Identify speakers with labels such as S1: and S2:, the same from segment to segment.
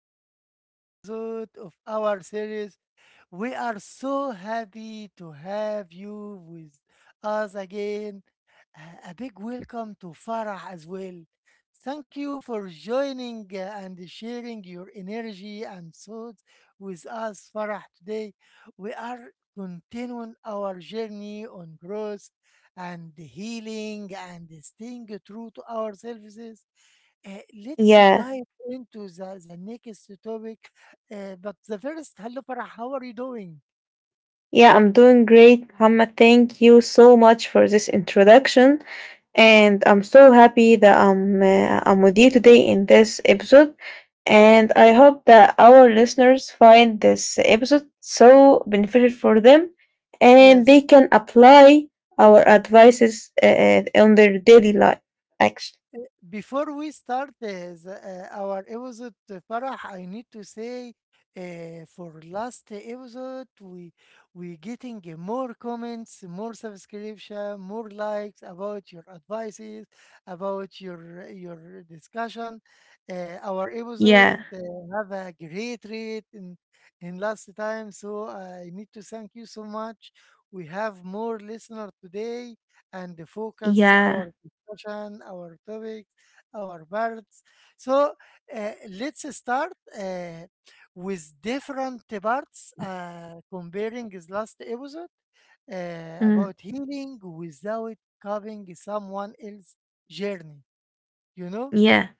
S1: the second episode of our series. We are so happy to have you with us again. A big welcome to Farah as well. Thank you for joining and sharing your energy and thoughts with us, Farah. Today, we are continuing our journey on growth and healing and staying true to our services. uh, let's
S2: Yeah,
S1: dive into the next topic. But the first, hello Farah, how are you doing?
S2: yeah, I'm doing great, Muhammad. Thank you so much for this introduction, and I'm so happy that I'm with you today in this episode, and I hope that our listeners find this episode so beneficial for them, and
S1: Yes.
S2: they can apply our advices on their daily life. Actually,
S1: Before we start this, our episode, Farah, I need to say for last episode, we getting more comments, more subscription, more likes about your advices, about your discussion. Our episode
S2: yeah,
S1: have a great rate in last time, so I need to thank you so much. We have more listener today and focus
S2: yeah,
S1: our discussion, our topic our birds. So let's start uh, with different parts, comparing his last episode
S2: mm,
S1: about healing without covering someone else's journey. You know,
S2: yeah,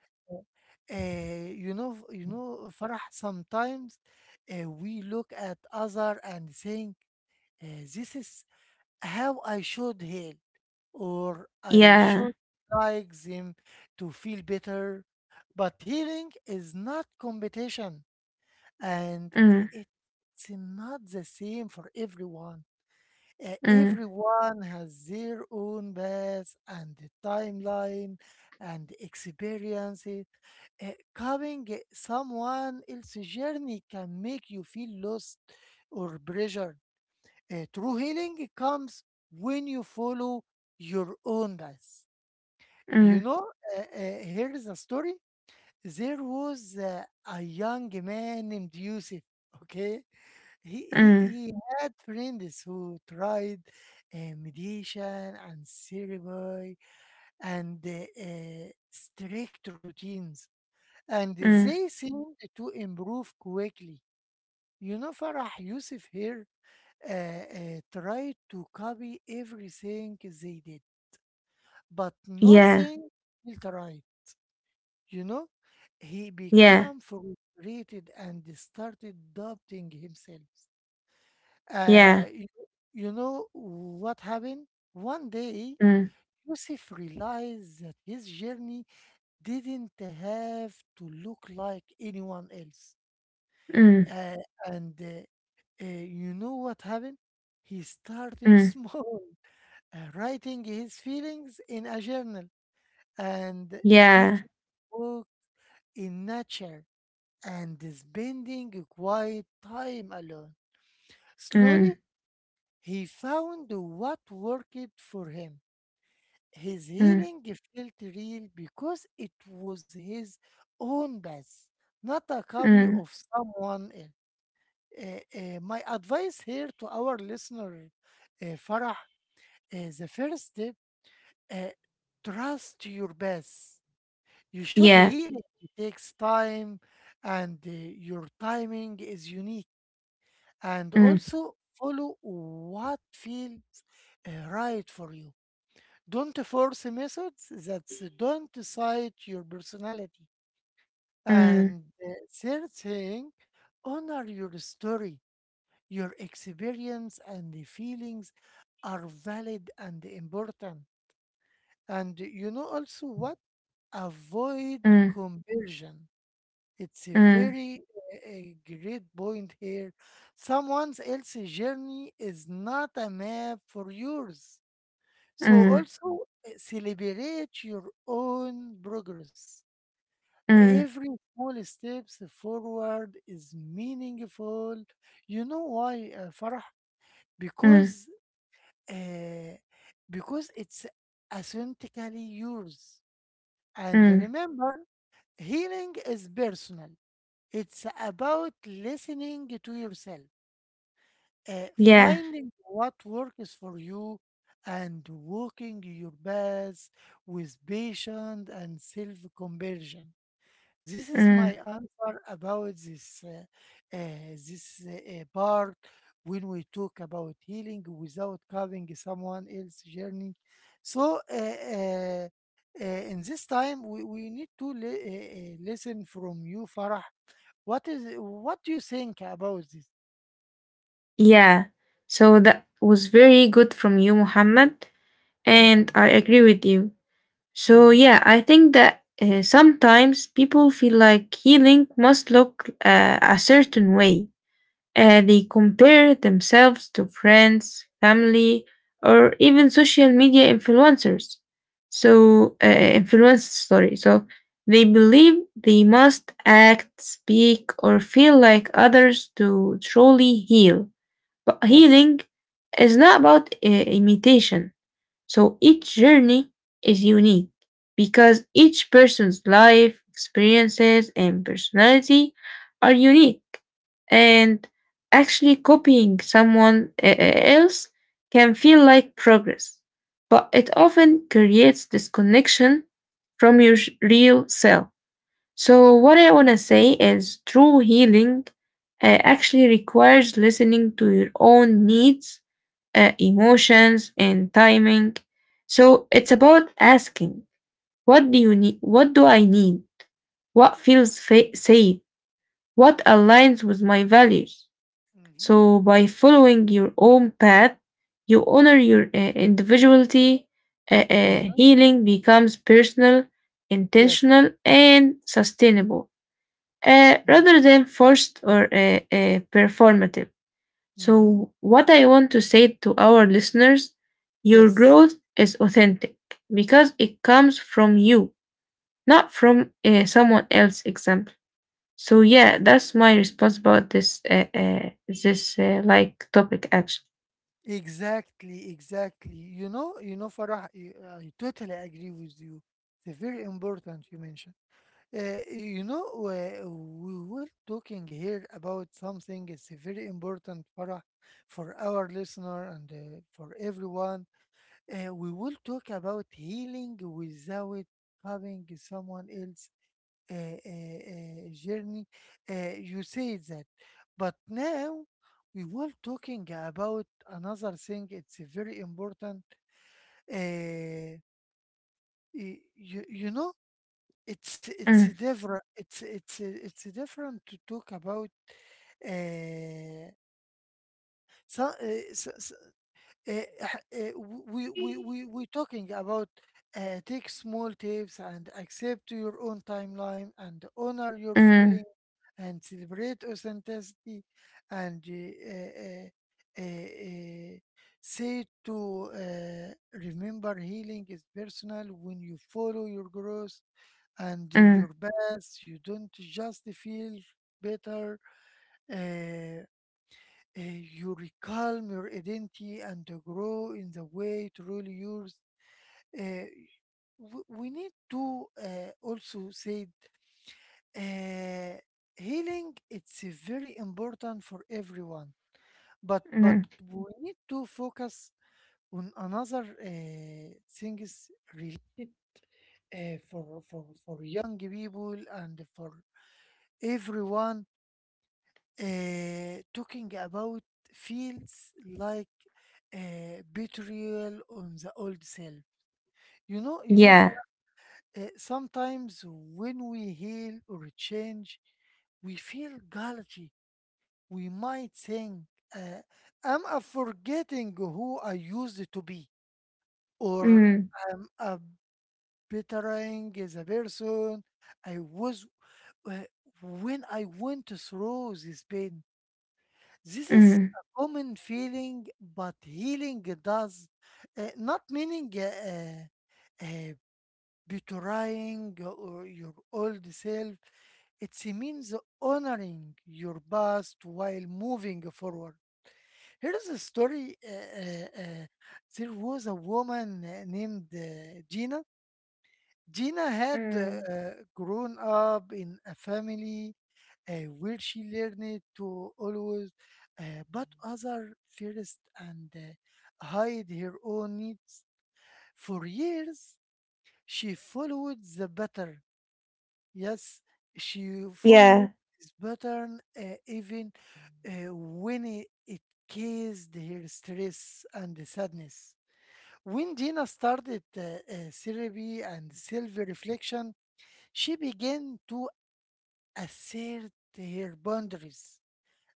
S1: Farah, sometimes we look at other and think uh, this is how I should heal, or I
S2: yeah,
S1: should like them to feel better. But healing is not competition, and
S2: mm,
S1: it's not the same for everyone.
S2: mm,
S1: Everyone has their own path and timeline and experiences. Covering someone else's journey can make you feel lost or pressured. True healing comes when you follow your own path. You
S2: mm,
S1: know, Here is a story. There was a young man named Yusuf. Okay, he he,
S2: mm,
S1: he had friends who tried meditation and therapy and strict routines, and
S2: mm,
S1: they seemed to improve quickly. You know, Farah, Yusuf here tried to copy everything they did, but
S2: yeah,
S1: nothing felt right. You know, he
S2: yeah.
S1: became frustrated and started doubting himself. Uh,
S2: Yeah.
S1: you, you know what happened? One day,
S2: Mm,
S1: Yusuf realized that his journey didn't have to look like anyone else.
S2: mm,
S1: Uh, and you know what happened? He started
S2: mm.
S1: small. Writing his feelings in a journal and
S2: Yeah.
S1: taking a walk in nature and spending a quiet time alone.
S2: Mm,
S1: Slowly, he found what worked for him. His
S2: mm,
S1: healing felt real because it was his own path, not a copy
S2: mm.
S1: of someone else. Uh, my advice here to our listener, Farah: the first step, uh, trust your best. You should
S2: Yeah.
S1: heal it. It takes time, and your timing is unique. And
S2: Mm,
S1: also follow what feels right for you. Don't force methods that don't decide your personality.
S2: mm,
S1: And third thing, honor your story. Your experience and the feelings are valid and important. And you know also what? Avoid
S2: mm,
S1: conversion. It's a
S2: mm,
S1: very a great point here. Someone else's journey is not a map for yours. So
S2: mm,
S1: also celebrate your own progress.
S2: mm,
S1: Every small steps forward is meaningful. You know why, Farah?
S2: mm,
S1: Because uh, because it's authentically yours. And
S2: mm.
S1: remember, healing is personal. It's about listening to yourself,
S2: Yeah.
S1: finding what works for you, and walking your path with patience and self conversion. This is my
S2: Mm,
S1: answer about this uh, this uh, part when we talk about healing without covering someone else's journey. So. In this time, we need to listen from you, Farah, what do you think about this?
S2: yeah. So that was very good from you, Muhammad,
S1: Thank you.
S2: and I
S1: Yes.
S2: agree with you. So
S1: Mm-hmm.
S2: yeah, I think that sometimes people feel like healing must look a certain way. They compare themselves to friends, family, or even social media influencers. So, influence story. So, they believe they must act, speak, or feel like others to truly heal. But
S1: Yes.
S2: healing is not about imitation, so each journey is unique because each person's life, experiences, and personality are unique. And actually, copying someone else can feel like progress, but it often creates disconnection from your real self. So, what I want to say is true healing actually requires listening to your own needs, emotions, and timing, so it's about asking, what do you need? What do I need? What feels safe? What
S1: Yes.
S2: aligns with my values?
S1: Mm-hmm.
S2: So by following your own path, you
S1: Yes.
S2: honor your individuality.
S1: Mm-hmm.
S2: Healing becomes personal,
S1: Yes.
S2: intentional, and sustainable,
S1: Mm-hmm.
S2: rather than forced or performative.
S1: Mm-hmm.
S2: So, what I want to say to our listeners: your
S1: Yes.
S2: growth is authentic because it comes from you, not from someone else example. So yeah, that's my response about this like topic actually.
S1: Exactly. Exactly. You know. You know, Farah. I totally agree with you. It's a very important you mentioned. We were talking here about something. It's a very important, Farah, for our listener and for everyone. We will talk about healing without having someone else journey. You say that, but now we will talking about another thing. It's very important. Uh, y- you, you know, it's a
S2: Mm,
S1: different. It's different to talk about. uh, so, uh, so, uh, uh, we talking about take small tips and accept your own timeline and honor your
S2: mm,
S1: feeling and celebrate authenticity and uh, uh, say to remember healing is personal when you follow your growth and
S2: mm,
S1: your best you don't just feel better. uh, you reclaim your identity and to grow in the way to really yours. Uh, we need to also say uh, healing it's very important for everyone, but
S2: mm.
S1: we need to focus on another things related for, for young people and for everyone talking about feels like betrayal on the old self. You know, you know.
S2: Yeah.
S1: Fa- Sometimes when we heal or change, we feel guilty. We might think, uh, "Am I forgetting who I used to be?" Or,
S2: Mm,
S1: "Am I betraying the person I was uh, when I went through this pain?" This is
S2: mm,
S1: a common feeling, but healing does not meaning uh, betraying or your old self. It means honoring your past while moving forward. Here is a story. There was a woman named Gina. Had
S2: mm.
S1: grown up in a family uh, where she learned to always put other first and hide her own needs. For years, she followed the pattern. Yes, she followed
S2: Yeah.
S1: this pattern even when it caused her stress and sadness. When Gina started therapy and self reflection, she began to assert her boundaries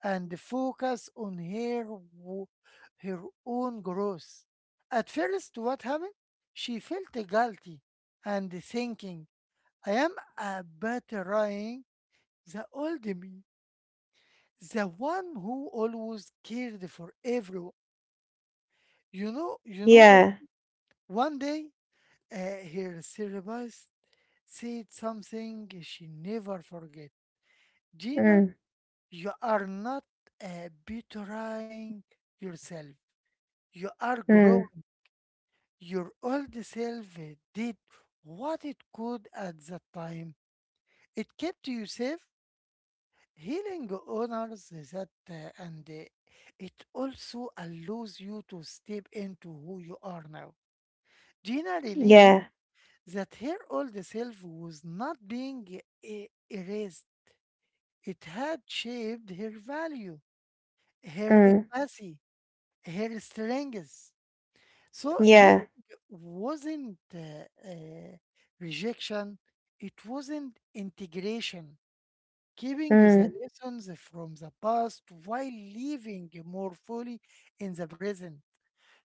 S1: and focus on wo- her own growth. At first, what happened? She felt guilty and thinking, I am a betraying the old me, the one who always cared for everyone. You know, you know,
S2: Yeah.
S1: one day, her therapist said something she never forget. "Gina,
S2: Mm,
S1: you are not betraying yourself. You are
S2: mm.
S1: growing. Your old self did what it could at that time. It kept you safe, healing honors that, and it also allows you to step into who you are now." Gina realized
S2: Yeah.
S1: that her old self was not being erased. It had shaped her value, her
S2: Mm,
S1: empathy, heartstrings. So
S2: yeah.
S1: healing wasn't uh, rejection, it wasn't integration. Keeping the
S2: Mm,
S1: lessons from the past while living more fully in the present.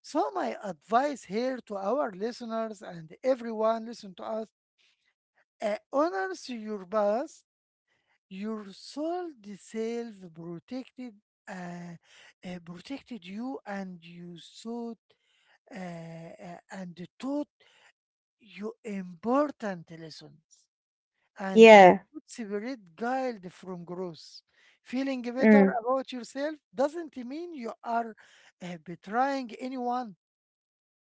S1: So, my advice here to our listeners and everyone listen to us: honors your past, your soul, the self protected, uh, protected you, and you sought and taught you important lessons. And you
S2: yeah.
S1: should separate guilt from growth. Feeling better
S2: Mm,
S1: about yourself doesn't mean you are betraying anyone.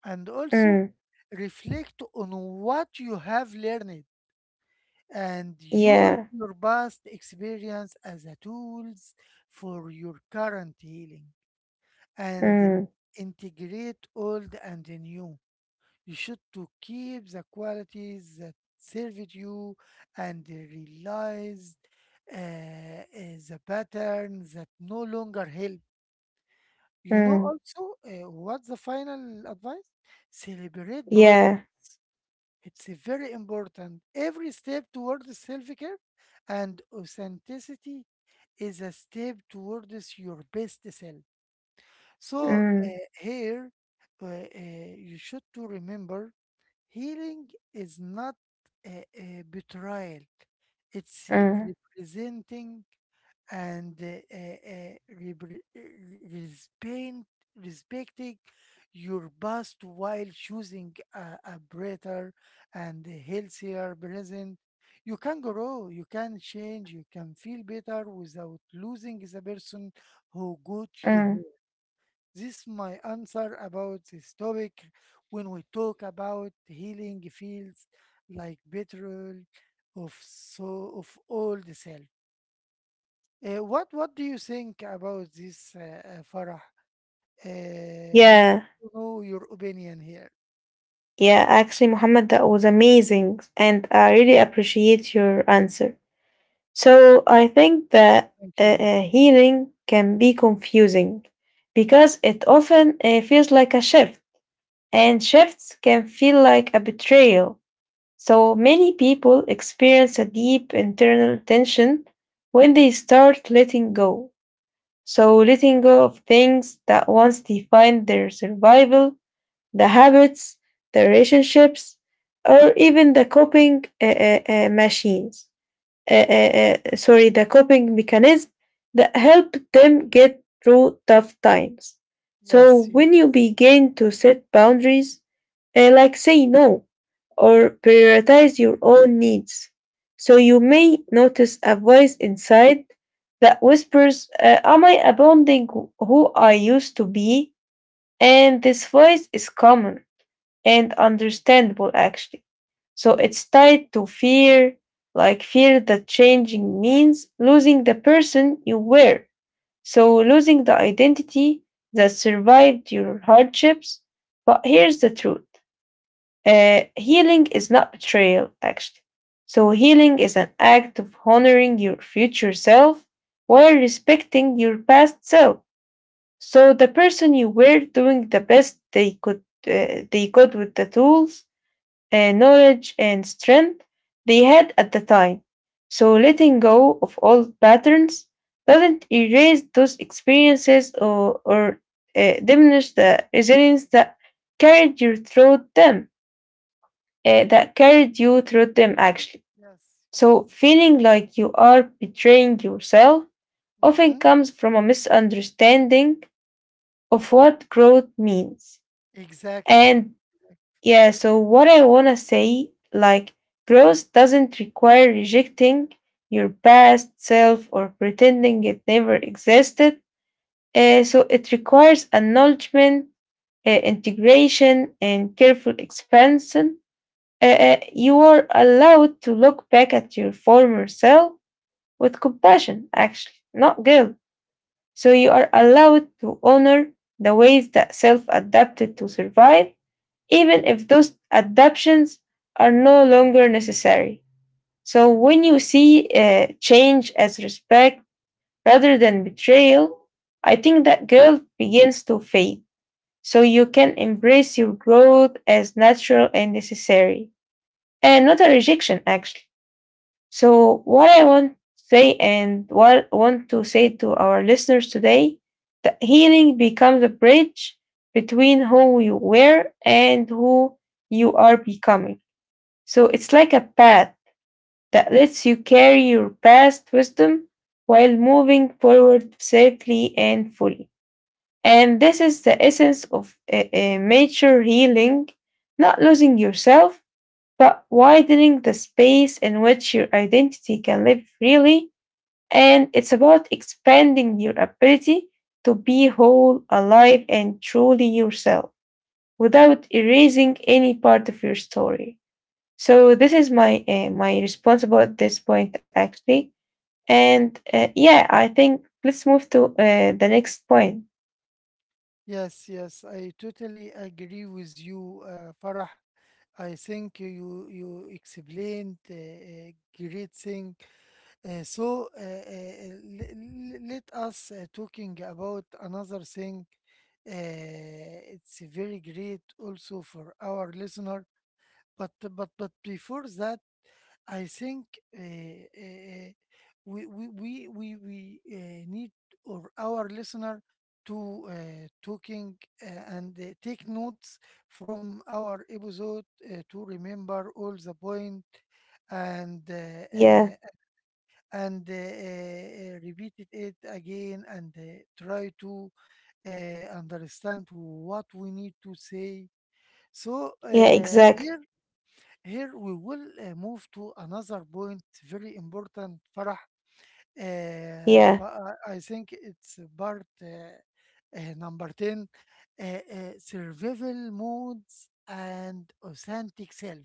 S1: And also,
S2: mm.
S1: reflect on what you have learned and use
S2: Yeah.
S1: your past experience as a tools for your current healing and
S2: Mm,
S1: integrate old and new. You should to keep the qualities that served you and realize the patterns that no longer help. You know
S2: mm.
S1: also, what's the final advice? Celebrate progress.
S2: Yeah.
S1: It's a very important. Every step towards self-care and authenticity is a step towards your best self. So
S2: Mm,
S1: here, uh, uh, you should to remember, healing is not a betrayal. It's
S2: mm,
S1: representing and uh, repre- uh, respect, respecting your past while choosing a better and a healthier present. You can grow, you can change, you can feel better without losing the person who got you
S2: mm.
S1: here. This is my answer about this topic when we talk about healing fields, like betrayal of so of all the self. What do you think about this, Farah? We need
S2: Yeah.
S1: to know your opinion here.
S2: Yeah. Actually, Mohammed, that was amazing. And I really appreciate your answer. So I think that
S1: Thank you.
S2: healing can be confusing because it often feels like a shift, and shifts can feel like a betrayal. So many people experience a deep internal tension when they start letting go. So letting go of things that once defined their survival, the habits, the relationships, or even the coping machines. Sorry, the coping mechanism that help them get through tough times. So
S1: Yes,
S2: when you
S1: yes,
S2: begin to set boundaries, like say no or prioritize your own needs, so you may notice a voice inside that whispers, "Am I abandoning who I used to be?" And this voice is common and understandable actually. So it's tied to fear, like fear that changing means losing the person you were. So losing the identity that survived your hardships. But here's the truth, healing is not betrayal, actually. So healing is an act of honoring your future self while respecting your past self. So the person you were doing the best they could with the tools, knowledge, and strength they had at the time. So letting go of old patterns doesn't erase those experiences, or diminish the resilience that carried you through them, actually.
S1: yes, yes.
S2: So feeling like you are betraying yourself often
S1: Mm-hmm.
S2: comes from a misunderstanding of what growth means.
S1: Exactly.
S2: And Yeah, so what I want to say, like, growth doesn't require rejecting your past self or pretending it never existed. So it requires acknowledgement, integration, and careful expansion. You are allowed to look back at your former self with compassion, actually, not guilt. So you are allowed to honor the ways that self adapted to survive, even if those adaptations are no longer necessary. So when you see change as respect rather than betrayal, I think that guilt begins to fade. So you can embrace your growth as natural and necessary, and not a rejection actually. So what I want to say, and what I want to say to our listeners today, that healing becomes a bridge between who you were and who you are becoming. So it's like a path that lets you carry your past wisdom while moving forward safely and fully. And this is the essence of mature healing, not losing yourself, but widening the space in which your identity can live freely. And it's about expanding your ability to be whole, alive, and truly yourself without erasing any part of your story. So this is my response about this point actually. And yeah, I think let's move to the next point.
S1: Yes, yes. I totally agree with you, Farah. I think you explained great thing. So, let us talking about another thing. Uh, it's very great also for our listener. But before that, I think uh, uh, we need or our listener to taking and take notes from our episode to remember all the point and
S2: Yeah,
S1: repeated it again and try to understand what we need to say. So,
S2: yeah, exactly.
S1: here, we will move to another point, very important, Farah.
S2: Yeah,
S1: But I think it's part, number 10, survival modes and authentic self.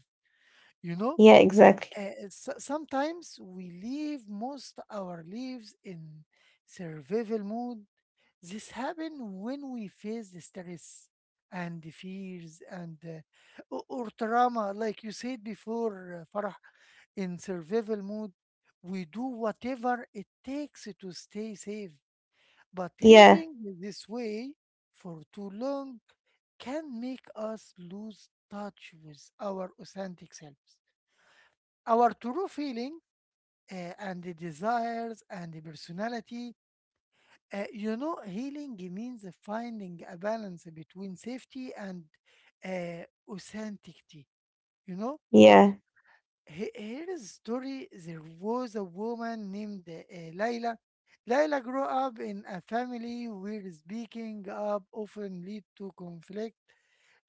S1: You know,
S2: yeah, exactly.
S1: sometimes we leave most our lives in survival mode. This happens when we face the stress and the fears and or trauma, like you said before, Farah, in survival mode. We do whatever it takes to stay safe, but
S2: Yeah,
S1: living this way for too long can make us lose touch with our authentic selves, our true feeling and the desires and the personality. Healing means finding a balance between safety and uh, authenticity. You know,
S2: yeah,
S1: here is a story. There was a woman named Layla. Layla grew up in a family where speaking up often lead to conflict.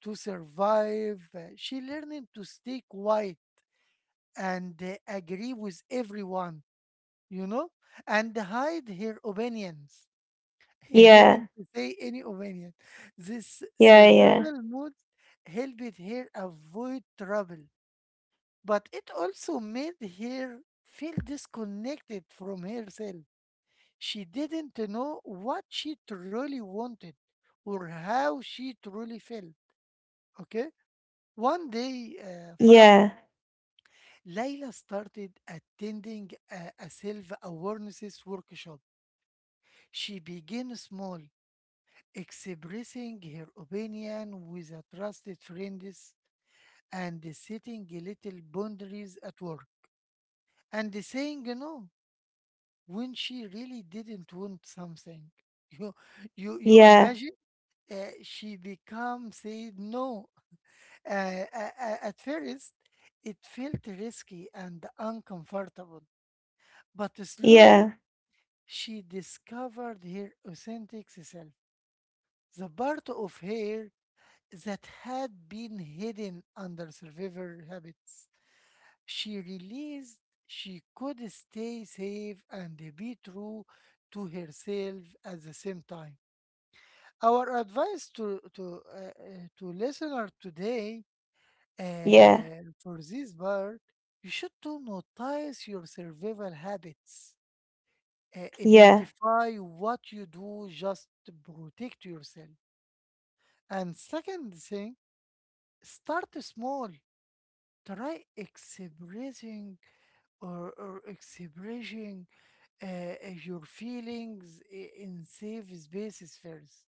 S1: To survive, she learned to stay quiet and agree with everyone, you know, and hide her opinions. He
S2: yeah,
S1: didn't say any opinion. This
S2: yeah, yeah,
S1: survival mode helped her avoid trouble, but it also made her feel disconnected from herself. She didn't know what she truly wanted or how she truly felt. Okay? One day, Farah,
S2: yeah,
S1: Layla started attending a self awareness workshop. She began small expressing her opinion with a trusted friends and setting little boundaries at work and saying no when she really didn't want something you you
S2: yeah,
S1: imagine uh, she become say no at first it felt risky and uncomfortable but slowly
S2: yeah,
S1: she discovered her authentic self, the part of her that had been hidden under survivor habits. She realized she could stay safe and be true to herself at the same time. Our advice to listener today
S2: yeah,
S1: for this part, you should to notice your survival habits.
S2: yeah,
S1: Identify what you do just to protect yourself. And second thing, start small, try expressing or expressing uh, uh, your feelings in safe spaces first.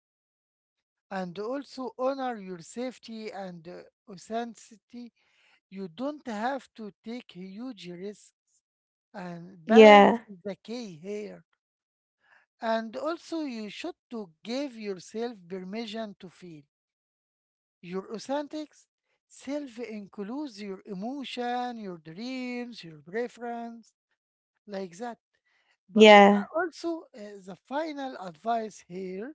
S1: And also honor your safety and authenticity. You don't have to take huge risks. And balance
S2: yeah,
S1: is the key here. And also, you should to give yourself permission to feel your authentic self includes your emotion, your dreams, your preference, like that. But
S2: yeah,
S1: also, the final advice here,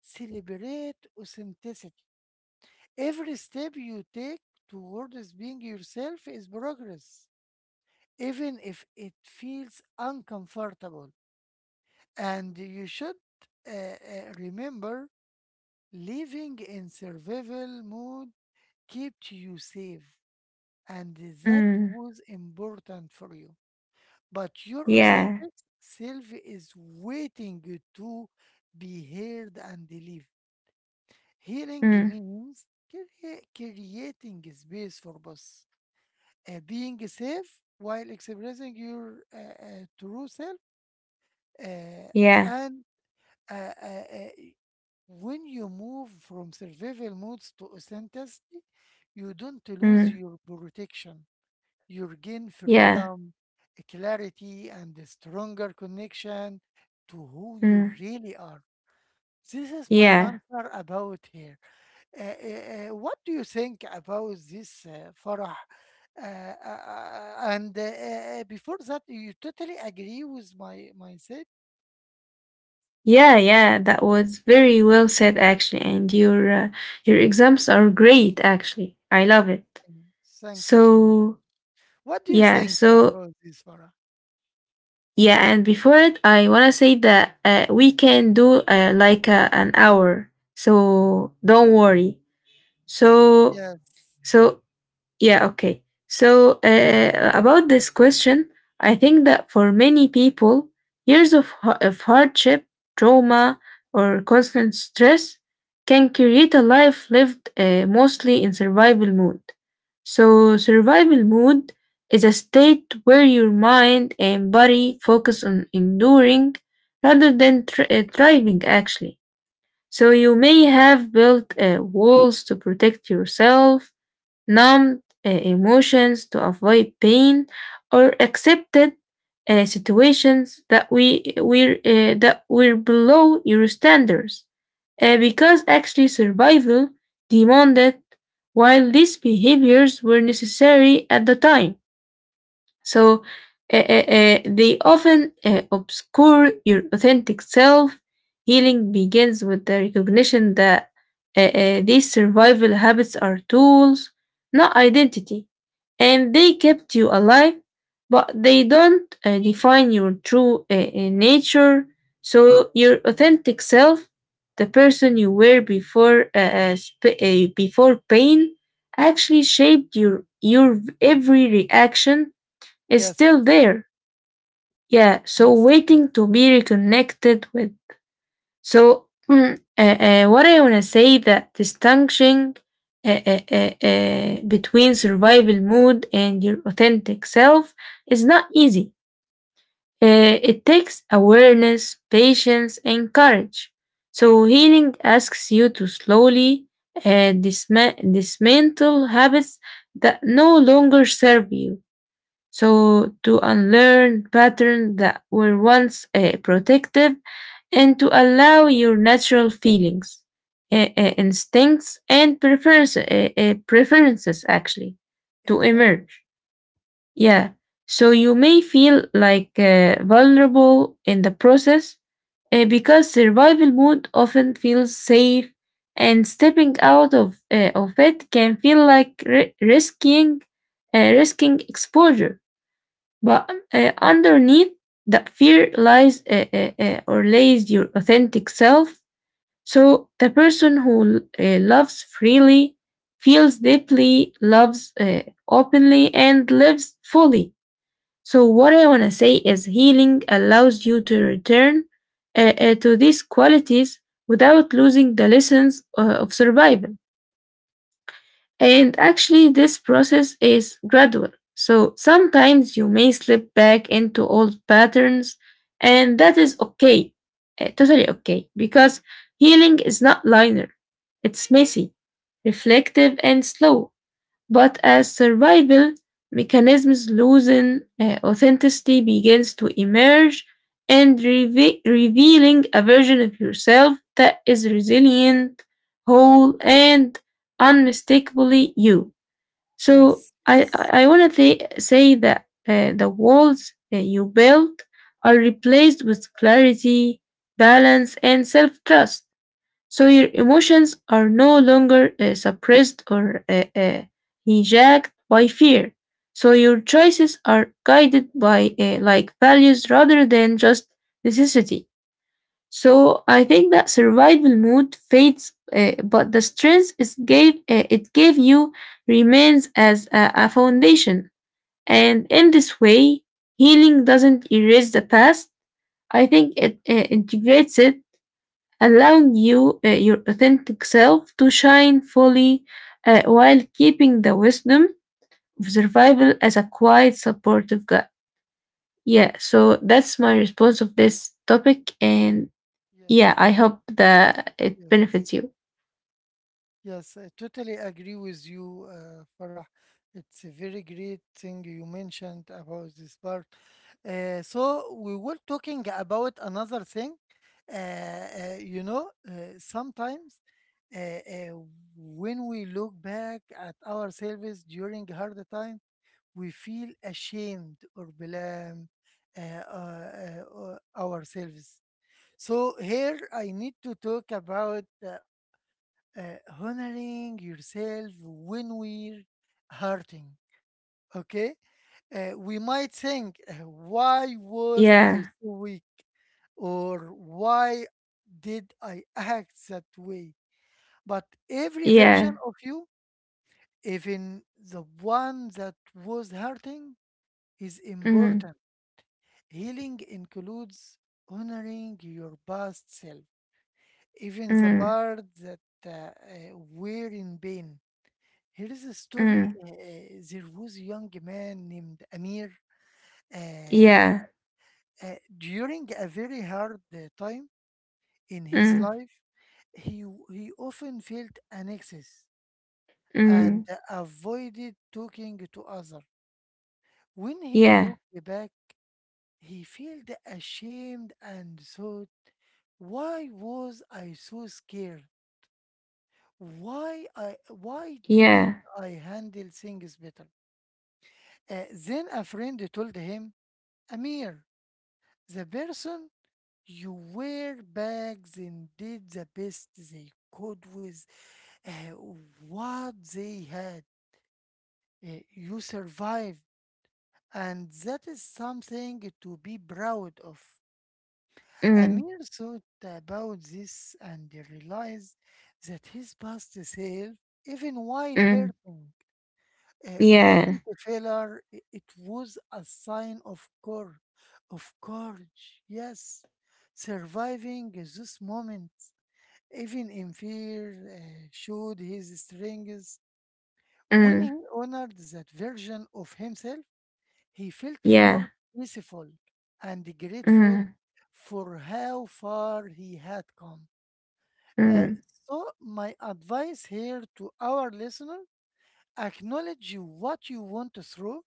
S1: celebrate authenticity. Every step you take towards being yourself is progress, even if it feels uncomfortable. And you should uh, uh, remember, living in survival mode kept you safe, and that
S2: mm,
S1: was important for you, but your
S2: yeah,
S1: authentic self is waiting you to be heard and believed. Healing
S2: mm,
S1: means creating space for both being safe while expressing your true self, uh,
S2: yeah,
S1: and uh, uh, uh, when you move from survival modes to authenticity, you don't lose
S2: mm,
S1: your protection, you regain
S2: yeah,
S1: freedom, clarity, and a stronger connection to who you
S2: mm,
S1: really are. This is my
S2: yeah.
S1: answer about here. What do you think about this, Farah? And Before that, you totally agree with my statement.
S2: Yeah, yeah, that was very well said actually, and your exams are great actually. I love it.
S1: Thank you so much.
S2: So
S1: What do you
S2: yeah,
S1: think
S2: so
S1: about this, Farah?
S2: yeah, and before it, I wanna say that we can do like an hour. So don't worry. So
S1: Yes,
S2: so yeah, okay. So,
S1: yes,
S2: about this question, I think that for many people, years of hardship, trauma, or constant stress can create a life lived mostly in survival mode. So, survival mode is a state where your mind and body focus on enduring rather than thriving, actually. So, you may have built walls to protect yourself, numbed emotions to avoid pain, or accepted situations that were below your standards, because actually survival demanded, while these behaviors were necessary at the time. So they often obscure your authentic self. Healing begins with the recognition that these survival habits are tools, not identity, and they kept you alive, but they don't define your true nature. So your authentic self, the person you were before pain, actually shaped your every reaction, is
S1: yes,
S2: still there. Yeah, so
S1: yes, yes.
S2: waiting to be reconnected with. So, what I want to say that distinguishing between survival mode and your authentic self is not easy. It takes awareness, patience, and courage. So, healing asks you to slowly dismantle habits that no longer serve you, so to unlearn patterns that were once protective, and to allow your natural feelings, instincts, and preferences actually, to
S1: Exactly.
S2: emerge. Yeah. So you may feel like vulnerable in the process, because survival mode often feels safe, and stepping out of it can feel like risking exposure, but underneath that fear lies, or lays your authentic self. So the person who loves freely, feels deeply, loves openly, and lives fully. So what I want to say is healing allows you to return to these qualities without losing the lessons of survival. And actually, this process is gradual. So sometimes you may slip back into old patterns, and that is okay, totally okay, because healing is not linear, it's messy, reflective, and slow, but as survival mechanisms losing authenticity begins to emerge and revealing a version of yourself that is resilient, whole, and unmistakably you. So
S1: Yes,
S2: I
S1: yes,
S2: I want to say that the walls that you built are replaced with clarity, balance, and self trust, so your emotions are no longer suppressed or hijacked by fear. So your choices are guided by like values rather than just necessity. So I think that survival mood fades, but the strength it gave you remains as a foundation. And in this way, healing doesn't erase the past. I think it integrates it, allowing your authentic self to shine fully, while keeping the wisdom of survival as a quiet supportive guide. Yeah, so that's my response of this topic. And
S1: yes.
S2: yeah, I hope
S1: Yes,
S2: that it
S1: yes,
S2: benefits you.
S1: yes. I totally agree with you, Farah. It's a very great thing you mentioned about this part. So we were talking about another thing. Uh, uh, you know, sometimes uh, uh, when we look back at our service during hard time, we feel ashamed or blame ourselves. So here I need to talk about honoring yourself when we're hurting. Okay. We might think, why was I
S2: Yeah.
S1: so weak, or why did I act that way? But every
S2: Yeah.
S1: version of you, even the one that was hurting, is
S2: Mm,
S1: important. Healing includes honoring your past self, even the
S2: mm,
S1: part that we're in pain. Here is a story.
S2: mm,
S1: There was a young man named Amir. Uh,
S2: yeah.
S1: During a very hard time in his
S2: Mm,
S1: life, he he often felt anxious and
S2: mm,
S1: avoided talking to others. When he
S2: yeah.
S1: looked back, he felt ashamed and thought, "Why was I so scared? Why didn't
S2: Yeah.
S1: I handle things better?" Then a friend told him, Amir, the person you were bags and did the best they could with uh, what they had. You survived, and that is something to be proud of.
S2: Mm,
S1: Amir thought about this and realized that his past self, even while
S2: mm,
S1: hurting, it
S2: yeah.
S1: wasn't a failure, it was a sign of cor of courage. Yes, surviving this moment, even in fear, showed his strengths. When
S2: Mm,
S1: he honored that version of himself, he felt
S2: yeah.
S1: more peaceful and grateful
S2: Mm,
S1: for how far he had come. Uh,
S2: mm,
S1: so, my advice here to our listener, acknowledge what you want through.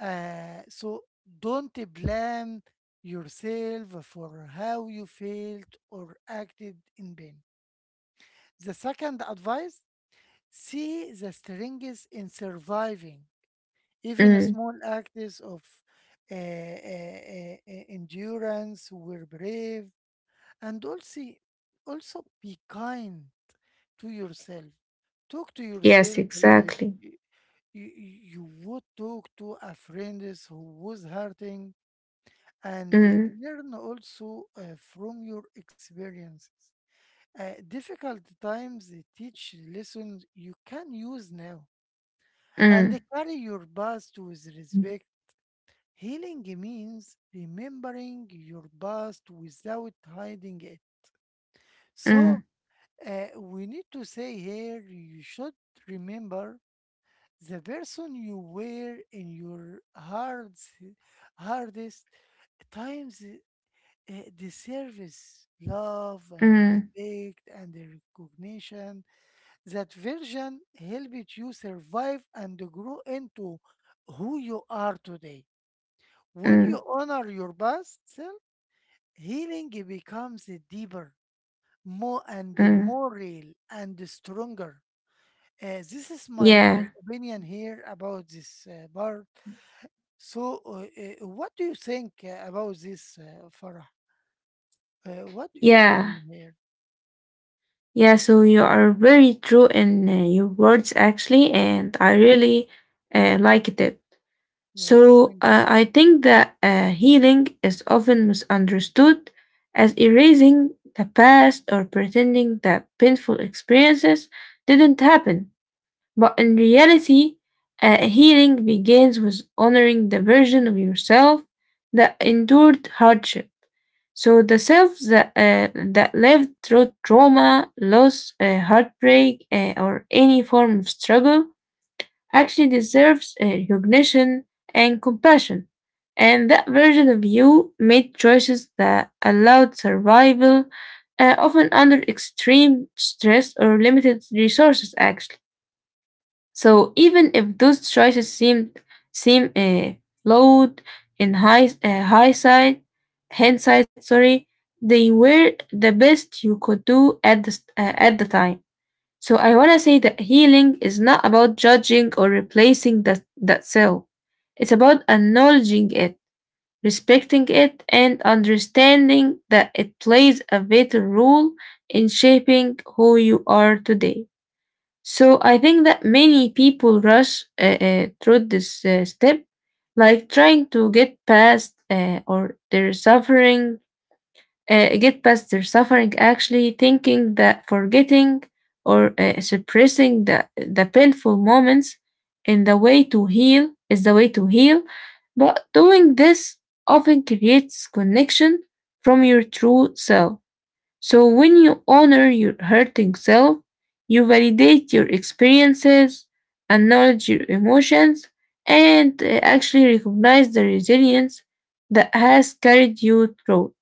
S1: So don't blame yourself for how you felt or acted in pain. The second advice, see the strengths in surviving. Even
S2: mm.
S1: small acts of endurance were brave. And also, also be kind to yourself. Talk to
S2: Yes,
S1: yourself like
S2: exactly.
S1: you, you would talk to a friend who was hurting, and
S2: Mm.
S1: learn also from your experiences. Difficult times teach lessons you can use now and
S2: Mm.
S1: carry your past with respect. Healing means remembering your past without hiding it. So,
S2: Mm,
S1: we need to say here, you should remember the person you were in your heart's hardest times, eh, the service, love, and the
S2: mm,
S1: respect, and the recognition. That version helped you survive and grow into who you are today. When
S2: mm,
S1: you honor your past self, healing becomes deeper, more and
S2: mm.
S1: more real and stronger. This is my
S2: Yeah,
S1: opinion here about this part. So, what do you think about this, Farah? What do you
S2: yeah,
S1: opinion here?
S2: yeah. So you are very true in your words, actually, and I really liked it.
S1: Yes,
S2: So
S1: thank.
S2: I think that healing is often misunderstood as erasing the past or pretending that painful experiences didn't happen. But in reality, healing begins with honoring the version of yourself that endured hardship. So the self that lived through trauma, loss, heartbreak, or any form of struggle, actually deserves recognition and compassion. And that version of you made choices that allowed survival, often under extreme stress or limited resources, actually. So even if those choices seem flawed in high high side hindsight, sorry, they were the best you could do at at the time. So I wanna say that healing is not about judging or replacing that self. It's about acknowledging it, respecting it, and understanding that it plays a vital role in shaping who you are today. So I think that many people rush through this step, like trying to get past their suffering. Actually, thinking that forgetting or suppressing the painful moments in the way to heal is the way to heal. But doing this often creates connection from your true self. So when you honor your hurting self, you validate your experiences, acknowledge your emotions, and actually recognize the resilience that has carried you through.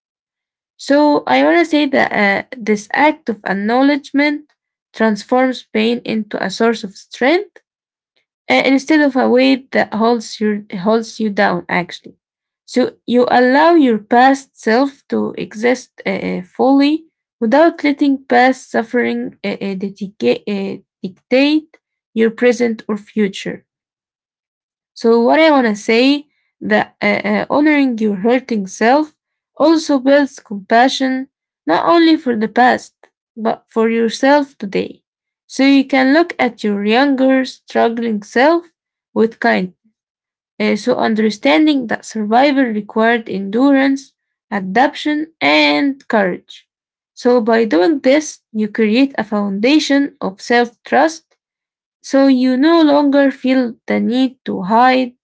S2: So I want to say that this act of acknowledgement transforms pain into a source of strength instead of a weight that holds you down, actually. So you allow your past self to exist fully without letting past suffering dictate your present or future. So what I want to say that honoring your hurting self also builds compassion not only for the past but for yourself today. So you can look at your younger struggling self with kindness. So understanding that survival required endurance, adaptation, and courage. So by doing this, you create a foundation of self-trust, so you no longer feel the need to hide,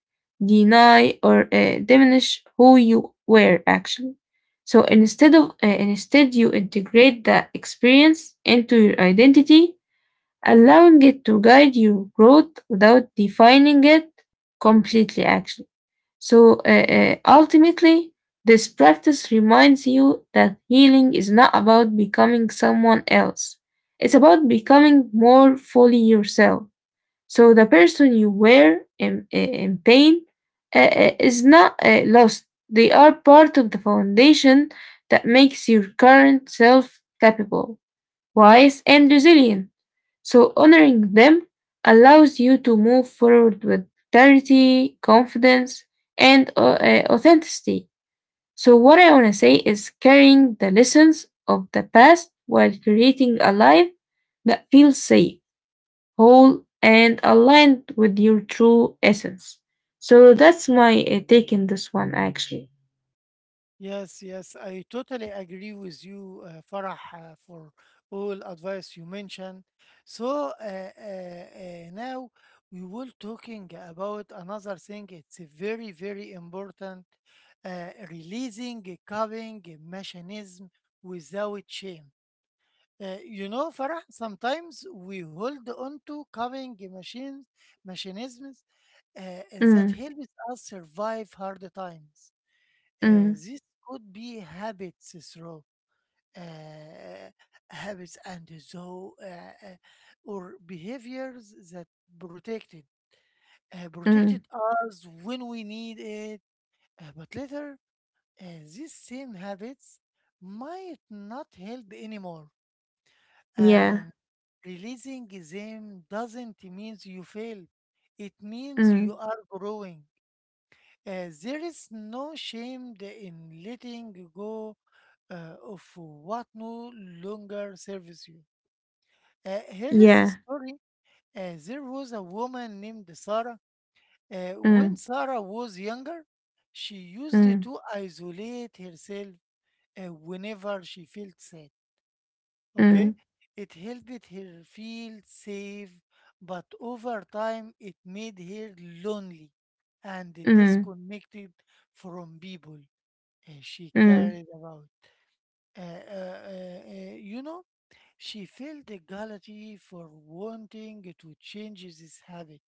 S2: deny, or diminish who you were, actually. So instead, you integrate the experience into your identity, allowing it to guide your growth without defining it completely, actually. So ultimately, this practice reminds you that healing is not about becoming someone else. It's about becoming more fully yourself. So the person you were in pain is not lost. They are part of the foundation that makes your current self capable, wise, and resilient. So honoring them allows you to move forward with clarity, confidence, and authenticity. So what I want to say is carrying the lessons of the past while creating a life that feels safe, whole, and aligned with your true essence. So that's my take in this one, actually.
S1: Yes, yes, I totally agree with you, Farah, for all advice you mentioned. So now we will talking about another thing. It's a very, very important. Releasing a coping mechanism without shame. You know, Farah, sometimes we hold on to coping machines, mechanisms uh, that
S2: Mm,
S1: helps us survive hard times.
S2: mm,
S1: This could be habits through uh, habits and so or behaviors that protected
S2: mm,
S1: protected us when we need it, but later uh, these same habits might not help anymore,
S2: yeah,
S1: and releasing them doesn't mean you failed. It means you
S2: mm,
S1: are growing. There is no shame in letting go of what no longer serves you. Here is a
S2: yeah,
S1: story. There was a woman named Sarah.
S2: mm,
S1: When Sarah was younger, she used
S2: mm,
S1: to isolate herself whenever she felt sad.
S2: mm,
S1: Okay? It helped her feel safe, but over time it made her lonely and
S2: mm,
S1: disconnected from people she
S2: mm,
S1: carried about. You know, she felt the guilty for wanting to change this habit.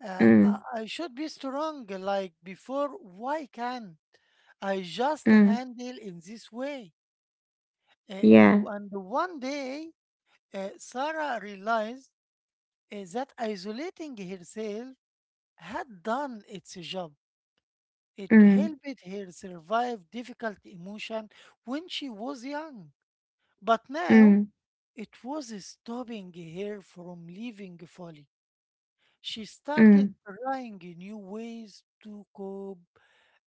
S2: mm,
S1: I should be strong like before. Why can't I just
S2: mm,
S1: handle in this way?
S2: yeah,
S1: And one day, Sarah realized that isolating herself had done its job. It
S2: mm,
S1: helped her survive difficult emotion when she was young. But now
S2: mm,
S1: it was stopping her from leaving fully. She started
S2: mm,
S1: trying new ways to cope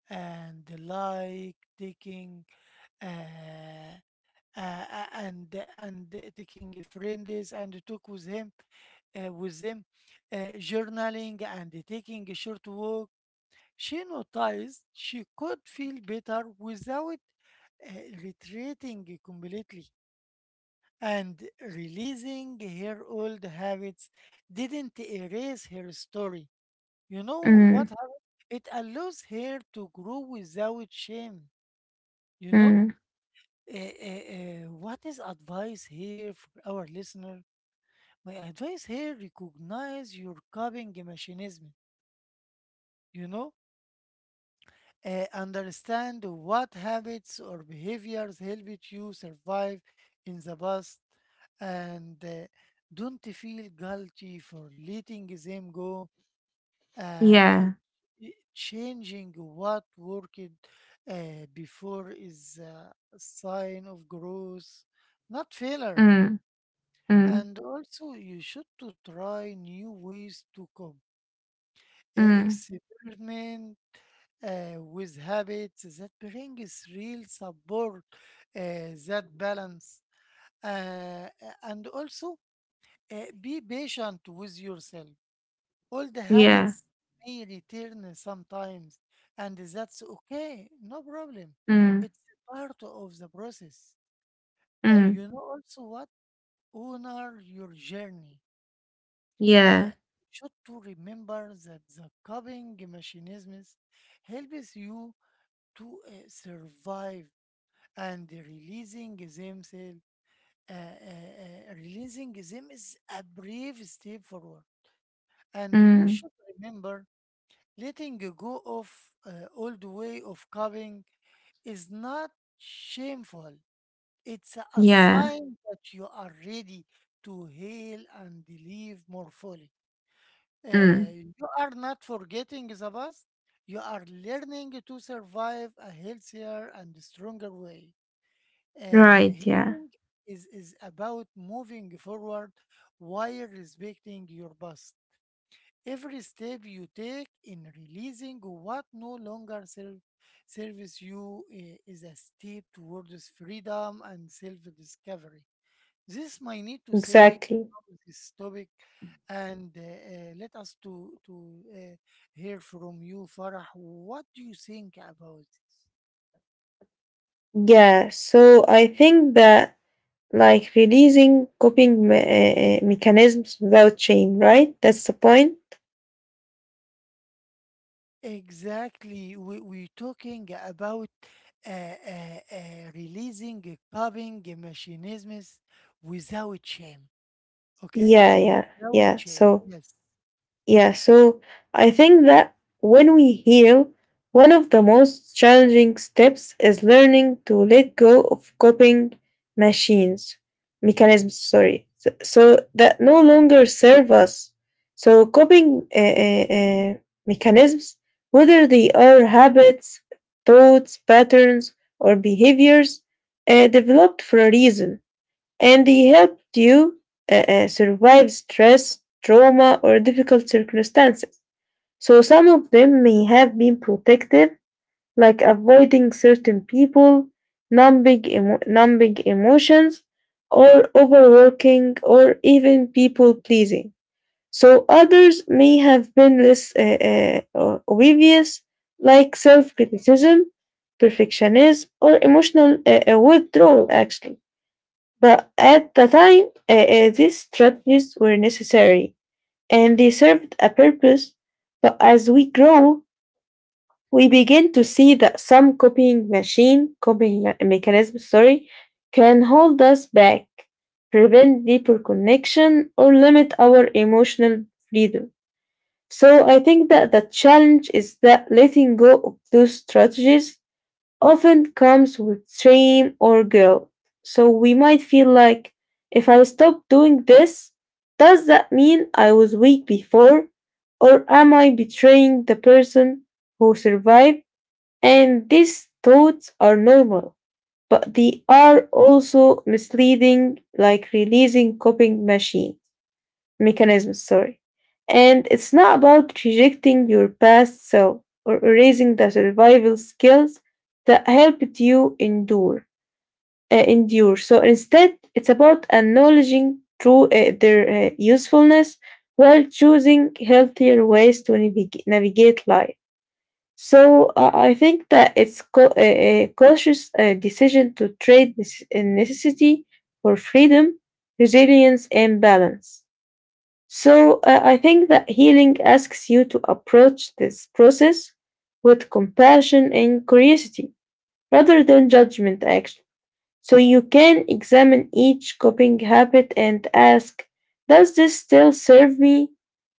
S1: and, like, taking uh, uh, and taking friends and talk with him with them, journaling and taking a short walk. She noticed she could feel better without retreating completely, and releasing her old habits didn't erase her story. You know
S2: mm,
S1: what happened? It allows her to grow without shame. You know.
S2: mm,
S1: What is advice here for our listener? My advice here: recognize your coping mechanism. You know. Understand what habits or behaviors helped you survive in the past, and don't feel guilty for letting them go. Uh, uh,
S2: yeah,
S1: changing what worked uh, before is a sign of growth, not failure.
S2: mm, mm,
S1: And also, you should to try new ways to cope.
S2: mm,
S1: Experiment with habits that brings real support, uh, that balance, uh, and also be patient with yourself. All the
S2: yeah,
S1: habits may return sometimes, and that's okay, no problem.
S2: mm,
S1: It's part of the process.
S2: mm,
S1: You know also what? Honor your journey.
S2: yeah,
S1: Uh, should to remember that the coping mechanisms helps you to survive and releasing themselves. Releasing them is a brave step forward, and you
S2: mm,
S1: should remember, letting go of uh, old way of coping is not shameful. It's a
S2: yeah,
S1: sign that you are ready to heal and live more fully.
S2: mm,
S1: You are not forgetting the past. You are learning to survive a healthier and stronger way.
S2: right, yeah,
S1: Healing is about moving forward while respecting your past. Every step you take in releasing what no serves you is a step towards freedom and self discovery. This might need to say
S2: exactly.
S1: about this topic, and let us to hear from you, Farah. What do you think about this?
S2: Yeah, so I think that like releasing mechanisms without shame, right? That's the point.
S1: Exactly. We're talking about releasing a coping mechanisms without shame. Okay?
S2: Yeah, yeah,
S1: Without
S2: yeah.
S1: shame.
S2: So
S1: Yes.
S2: yeah, so I think that when we heal, one of the most challenging steps is learning to let go of machines, mechanisms, sorry, so that no longer serve us. So coping mechanisms, whether they are habits, thoughts, patterns, or behaviors, developed for a reason, and they helped you survive stress, trauma, or difficult circumstances. So some of them may have been protective, like avoiding certain people, numbing emotions, or overworking, or even people pleasing. So others may have been less or obvious, like self criticism, perfectionism, or emotional withdrawal, actually. But at the time, these strategies were necessary and they served a purpose. But as we grow, we begin to see that some copying machine, copying me- mechanism, sorry, can hold us back, prevent deeper connection, or limit our emotional freedom. So I think that the challenge is that letting go of those strategies often comes with shame or guilt. So we might feel like, if I stop doing this, does that mean I was weak before? Or am I betraying the person who survived? And these thoughts are normal, but they are also misleading, like releasing coping machine mechanisms, sorry. And it's not about rejecting your past self or erasing the survival skills that helped you endure. So instead, it's about acknowledging through their usefulness while choosing healthier ways to navig- navigate life. So I think that it's a cautious decision to trade this necessity for freedom, resilience, and balance. So I think that healing asks you to approach this process with compassion and curiosity rather than judgment, actually. So you can examine each coping habit and ask, does this still serve me?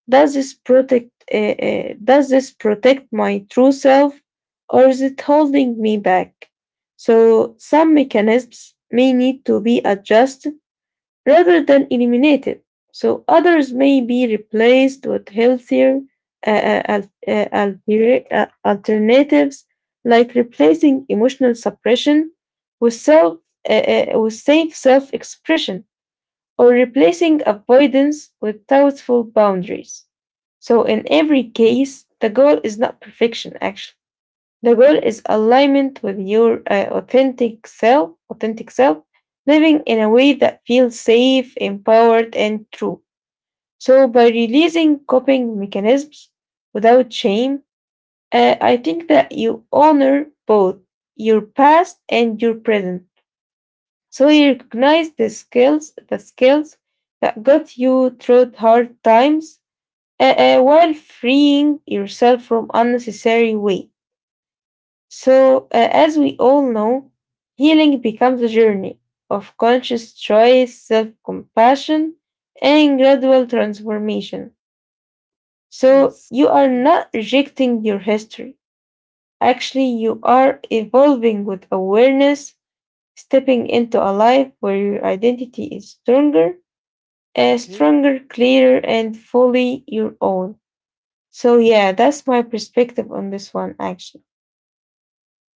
S2: Does this protect my true self, or is it holding me back? So some mechanisms may need to be adjusted rather than eliminated. So others may be replaced with healthier alternatives, like replacing emotional suppression with self with safe self-expression, or replacing avoidance with thoughtful boundaries. So in every case, the goal is not perfection, actually. The goal is alignment with your authentic self, living in a way that feels safe, empowered, and true. So by releasing coping mechanisms without shame, I think that you honor both your past and your present. So you recognize the skills that got you through hard times, while freeing yourself from unnecessary weight. So as we all know, healing becomes a journey of conscious choice, self compassion, and
S1: Yes.
S2: gradual transformation. So
S1: Yes.
S2: you are
S1: Yes.
S2: not rejecting your history. Actually, you are evolving with awareness, stepping into a life where your identity is
S1: Okay.
S2: stronger, clearer, and fully your own. So yeah, that's my perspective on this one, actually.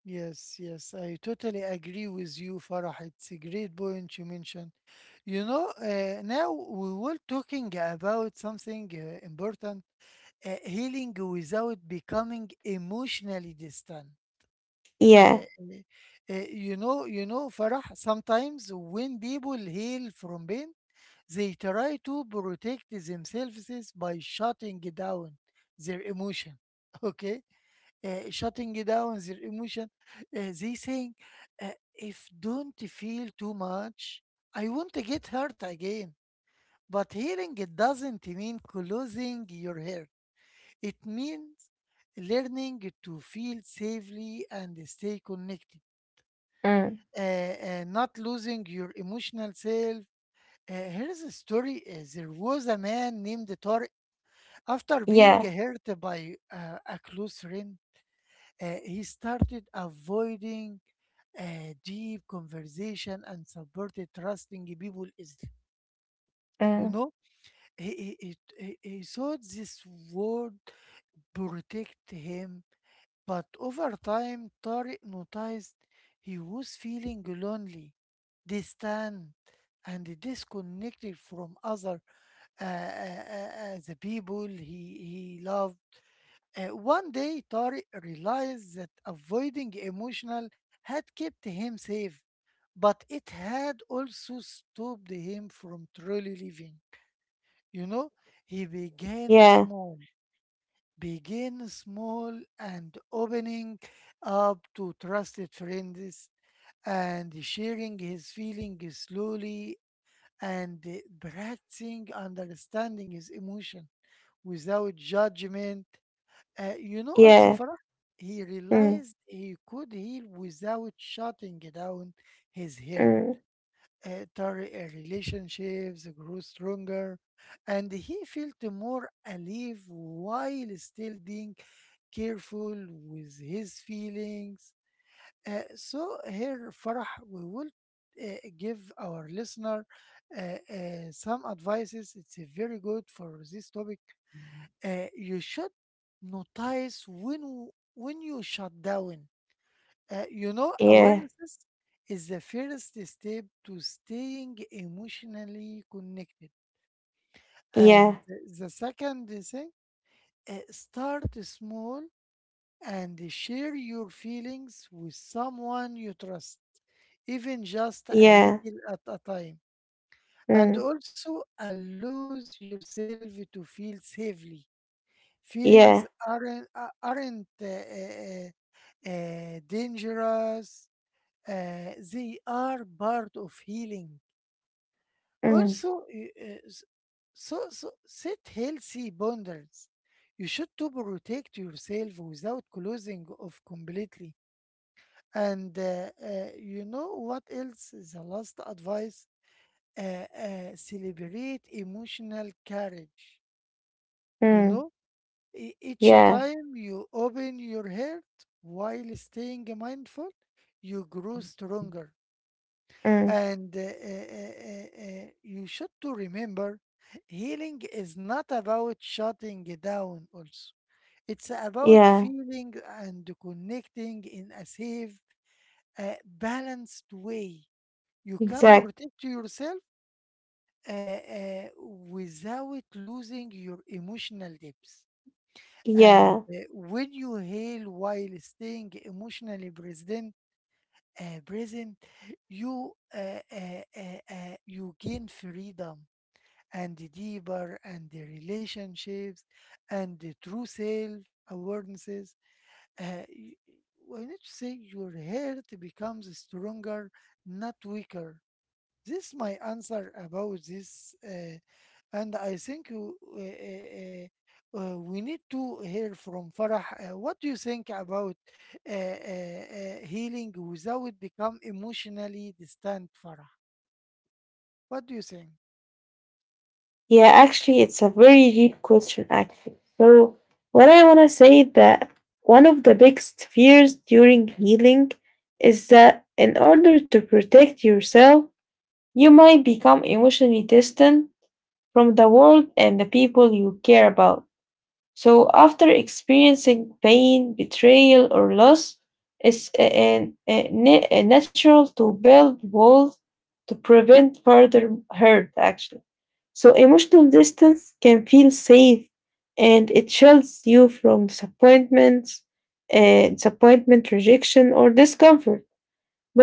S1: Yes. Yes. I totally agree with you, Farah. It's a great point you mentioned. You know, now we were talking about something important, healing without becoming emotionally distant.
S2: Yeah.
S1: Uh, you know, you know, Farah, sometimes when people heal from pain, they try to protect themselves by shutting down their emotion. Okay, shutting down their emotion. They saying, uh, if don't feel too much, I won't get hurt again. But healing it doesn't mean closing your heart. It means learning to feel safely and stay connected
S2: Mm.
S1: not losing your emotional self. Here's a story. There was a man named Tariq. After being
S2: Yeah.
S1: hurt by a close friend, he started avoiding deep conversation and supported trusting people easily. You
S2: Mm.
S1: know, he, he, he, he thought this would protect him. But over time, Tariq noticed he was feeling lonely, distant, and disconnected from other the people he loved. One day, Tariq realized that avoiding emotional had kept him safe, but it had also stopped him from truly living. You know, he began
S2: Yeah.
S1: small. Begin small and opening up to trusted friends and sharing his feelings slowly and practicing understanding his emotion without judgment. You know, also,
S2: Yeah.
S1: Farah, he
S2: Mm,
S1: realized he could heal without shutting down his hair.
S2: mm.
S1: Relationships grew stronger and he felt more alive while still being careful with his feelings. So here, Farah, we will give our listener uh, some advices. It's very good for this topic. You should notice when you shut down. You know,
S2: Yeah.
S1: awareness is the first step to staying emotionally connected. And
S2: Yeah.
S1: the second thing, start small and share your feelings with someone you trust, even just a
S2: Yeah.
S1: little at a time. And
S2: Mm.
S1: also allows yourself to feel safely. Feelings
S2: Yeah.
S1: aren't, uh, aren't uh, uh, uh, uh, dangerous, they are part of healing.
S2: Mm.
S1: Also, so set healthy boundaries. You should to protect yourself without closing off completely. And you know what else? The last advice, celebrate emotional courage. You
S2: Mm.
S1: know, each
S2: Yeah.
S1: time you open your heart while staying mindful, you grow stronger.
S2: Mm.
S1: And you should to remember healing is not about shutting down also. It's about
S2: Yeah.
S1: feeling and connecting in a safe, balanced way. You can
S2: Exactly.
S1: protect yourself without losing your emotional depth. And
S2: Yeah.
S1: uh, when you heal while staying emotionally present, uh, present, you uh, uh, you gain freedom and deeper and the relationships and the true self awarenesses. Uh, y- why not say your heart becomes stronger, not weaker. This is my answer about this, and I think we need to hear from Farah. What do you think about healing without become emotionally distant, Farah? What do you think?
S2: Yeah. Actually, it's a very deep question, actually. So what I want to say that one of the biggest fears during healing is that in order to protect yourself, you might become emotionally distant from the world and the people you care about. So after experiencing pain, betrayal, or loss, it's natural to build walls to prevent further hurt, actually. So emotional distance can feel safe, and it shields you from disappointment, rejection, or discomfort.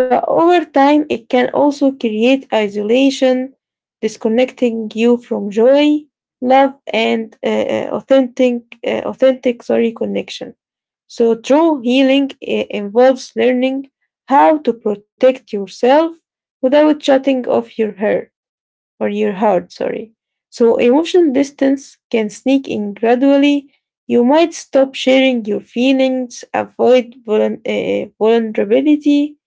S2: But over time, it can also create isolation, disconnecting you from joy, love, and authentic, sorry, connection. So true healing involves learning how to protect yourself without shutting off your hair or your heart, sorry. So emotional distance can sneak in gradually. You might stop sharing your feelings, avoid vulnerability,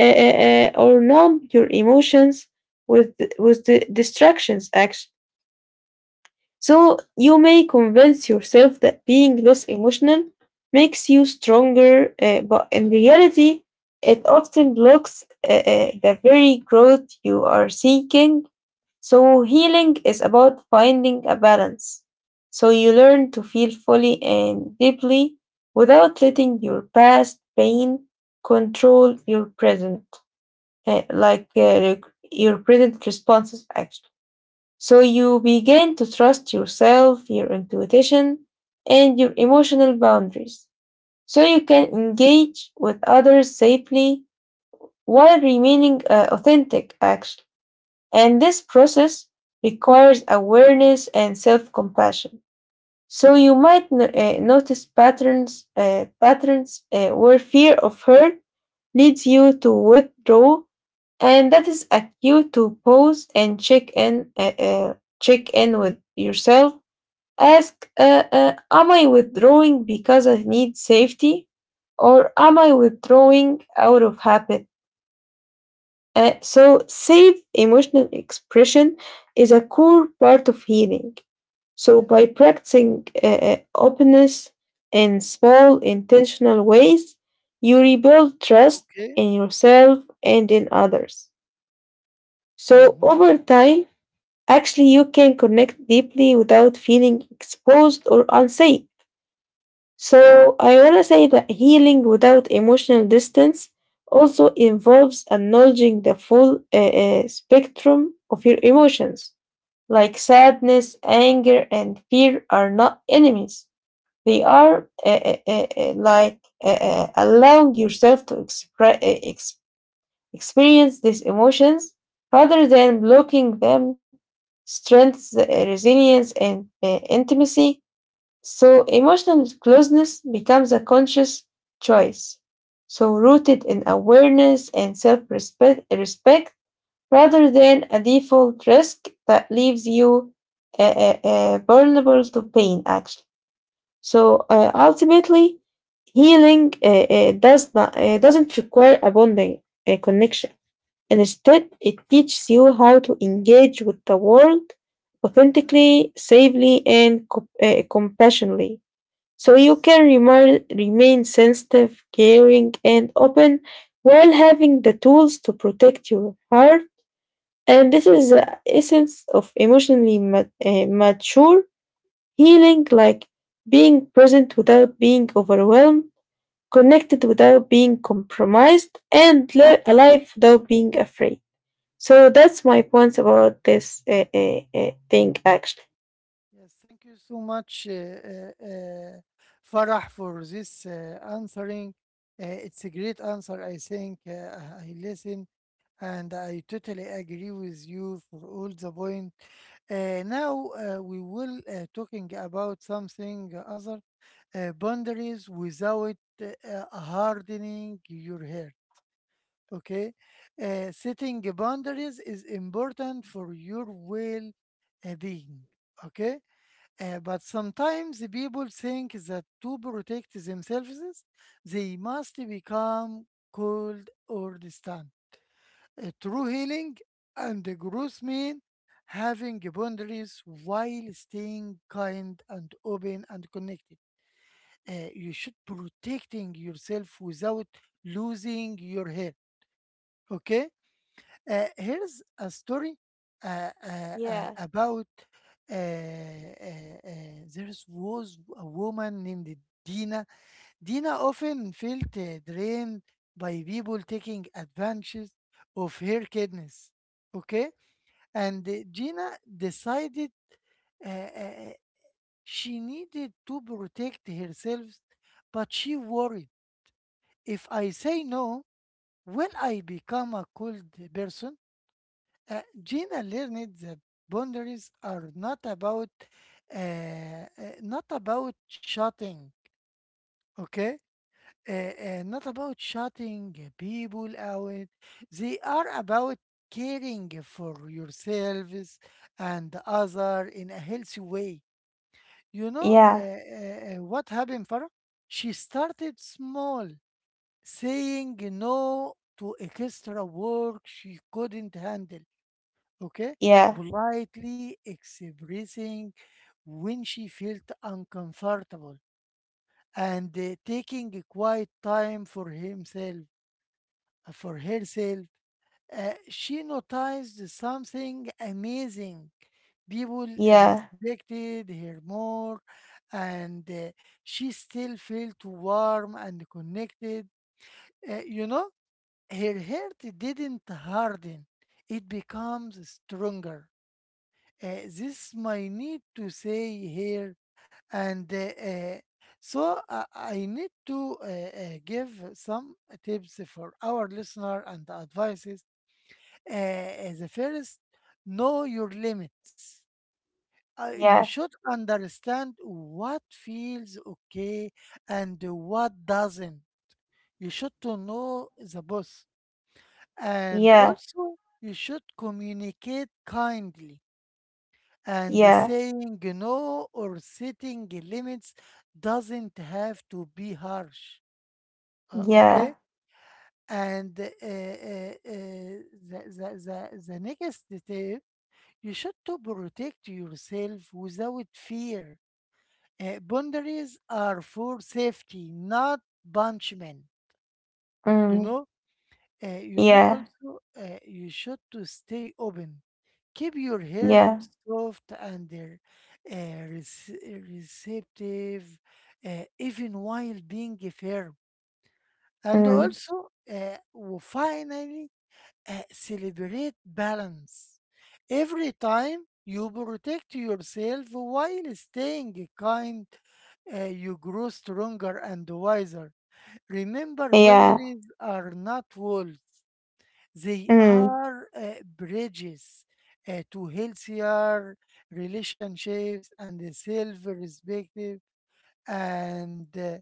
S2: or numb your emotions with the distractions, actually. So you may convince yourself that being less emotional makes you stronger, but in reality it often blocks the very growth you are seeking. So healing is about finding a balance. So you learn to feel fully and deeply without letting your past pain control your present, your present responses, actually. So you begin to trust yourself, your intuition, and your emotional boundaries. So you can engage with others safely while remaining authentic, actually. And this process requires awareness and self compassion. So you might notice patterns where fear of hurt leads you to withdraw, and that is a cue to pause and check in with yourself. Ask, am I withdrawing because I need safety, or am I withdrawing out of habit? So safe emotional expression is a core part of healing. So
S1: Yes,
S2: by
S1: yes.
S2: practicing openness in small intentional ways, you rebuild trust
S1: Okay.
S2: in yourself and in others. So
S1: Mm-hmm.
S2: over time, actually, you can connect deeply without feeling exposed or unsafe. So I want to say that healing without emotional distance also involves acknowledging the full spectrum of your emotions. Like sadness, anger, and fear are not enemies. They are allowing yourself to experience these emotions rather than blocking them strengthens resilience and intimacy. So emotional closeness becomes a conscious choice. So rooted in awareness and self respect rather than a default risk that leaves you vulnerable to pain, actually. So
S1: Yes, yes.
S2: ultimately, healing doesn't require a bonding connection. Instead, it teaches you how to engage with the world
S1: Mm-hmm.
S2: authentically, safely, and compassionately. So you
S1: Yes,
S2: can remain sensitive, caring, and open while having the tools to protect your heart. And this is the essence of emotionally mature healing, like being present without being overwhelmed, connected without being compromised, and alive without being afraid. So that's my point about this thing, actually.
S1: yes. Thank you so much, Farah, for this answering. It's a great answer, I think. Uh, I listen. And I totally agree with you for all the point. Now we will talking about something other, boundaries without hardening your hair. Okay, setting boundaries is important for your well being. Okay, but sometimes people think that to protect themselves, they must become cold or distant. A true healing and the growth mean having boundaries while staying kind and open and connected. You should protecting yourself without losing your hair. Okay, here's a story
S2: Yeah,
S1: about there was a woman named Dina. Dina often felt drained by people taking advantage of her kindness. Okay, and Gina decided uh, uh, uh, she needed to protect herself, but she worried, if I say no, will I become a cold person? Gina learned that boundaries are uh, uh, not about shutting, okay? Not about shutting people out. They are about caring for yourselves and other in a healthy way. You know,
S2: yeah,
S1: what happened, Farah? She started small, saying no to extra work she couldn't handle. Okay,
S2: yeah,
S1: politely expressing when she felt uncomfortable and taking a quiet time for himself for herself. She noticed something amazing. People
S2: yeah,
S1: respected her more, and she still felt warm and connected. You know, her heart didn't harden, it becomes stronger. This my need to say here, and I need to give some tips for our listener and advices. The first, know your limits. You
S2: yeah,
S1: should understand what feels okay and what doesn't. You should to know the boss, and
S2: yeah,
S1: also you should communicate kindly. And
S2: yeah,
S1: saying no or setting limits doesn't have to be harsh.
S2: yeah,
S1: Okay, and the next detail, you should to protect yourself without fear. Boundaries are for safety, not punishment. You
S2: mm,
S1: know, you know
S2: yeah,
S1: also you should to stay open. Keep your heart
S2: yeah,
S1: soft and uh, rece- receptive, even while being firm. And
S2: mm,
S1: also, finally, celebrate balance. Every time you protect yourself while staying kind, you grow stronger and wiser. Remember,
S2: yeah,
S1: boundaries are not walls, they
S2: mm,
S1: are bridges to healthier relationships and self respect. And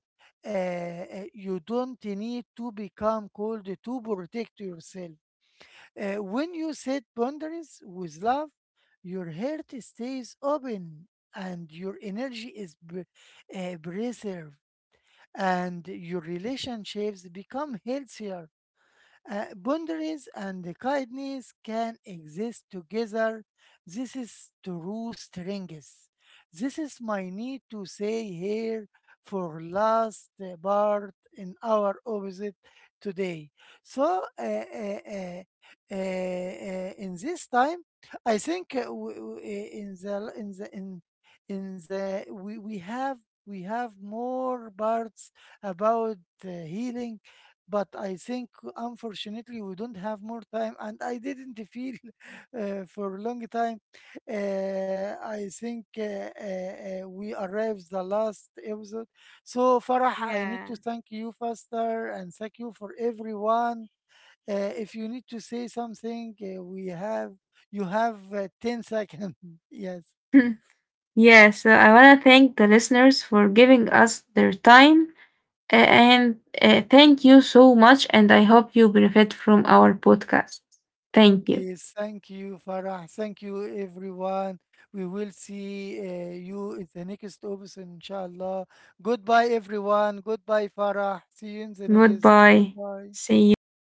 S1: You don't need to become cold to protect yourself. When you set boundaries with love, your heart stays open and your energy is preserved, and your relationships become healthier. Boundaries and kindness can exist together. This is true strength. This is my need to say here for last part in our opposite today. So in this time, I think w- w- in the in the in the we have more parts about healing, but I think, unfortunately, we don't have more time, and I didn't feel for a long time. I think uh, we arrived the last episode. So, Farah, I need
S2: yeah.
S1: to thank you, Faster, and thank you for everyone. Uh, if you need to say something, we have you have 10 seconds. Yes.
S2: Yeah, so I want to thank the listeners for giving us their time. And thank you so much. And I hope you benefit from our podcast. Thank you.
S1: Okay, thank you, Farah. Thank you, everyone. We will see you in the next episode, inshallah. Goodbye, everyone. Goodbye, Farah. See you in the next.
S2: Goodbye.
S1: Goodbye.
S2: See you.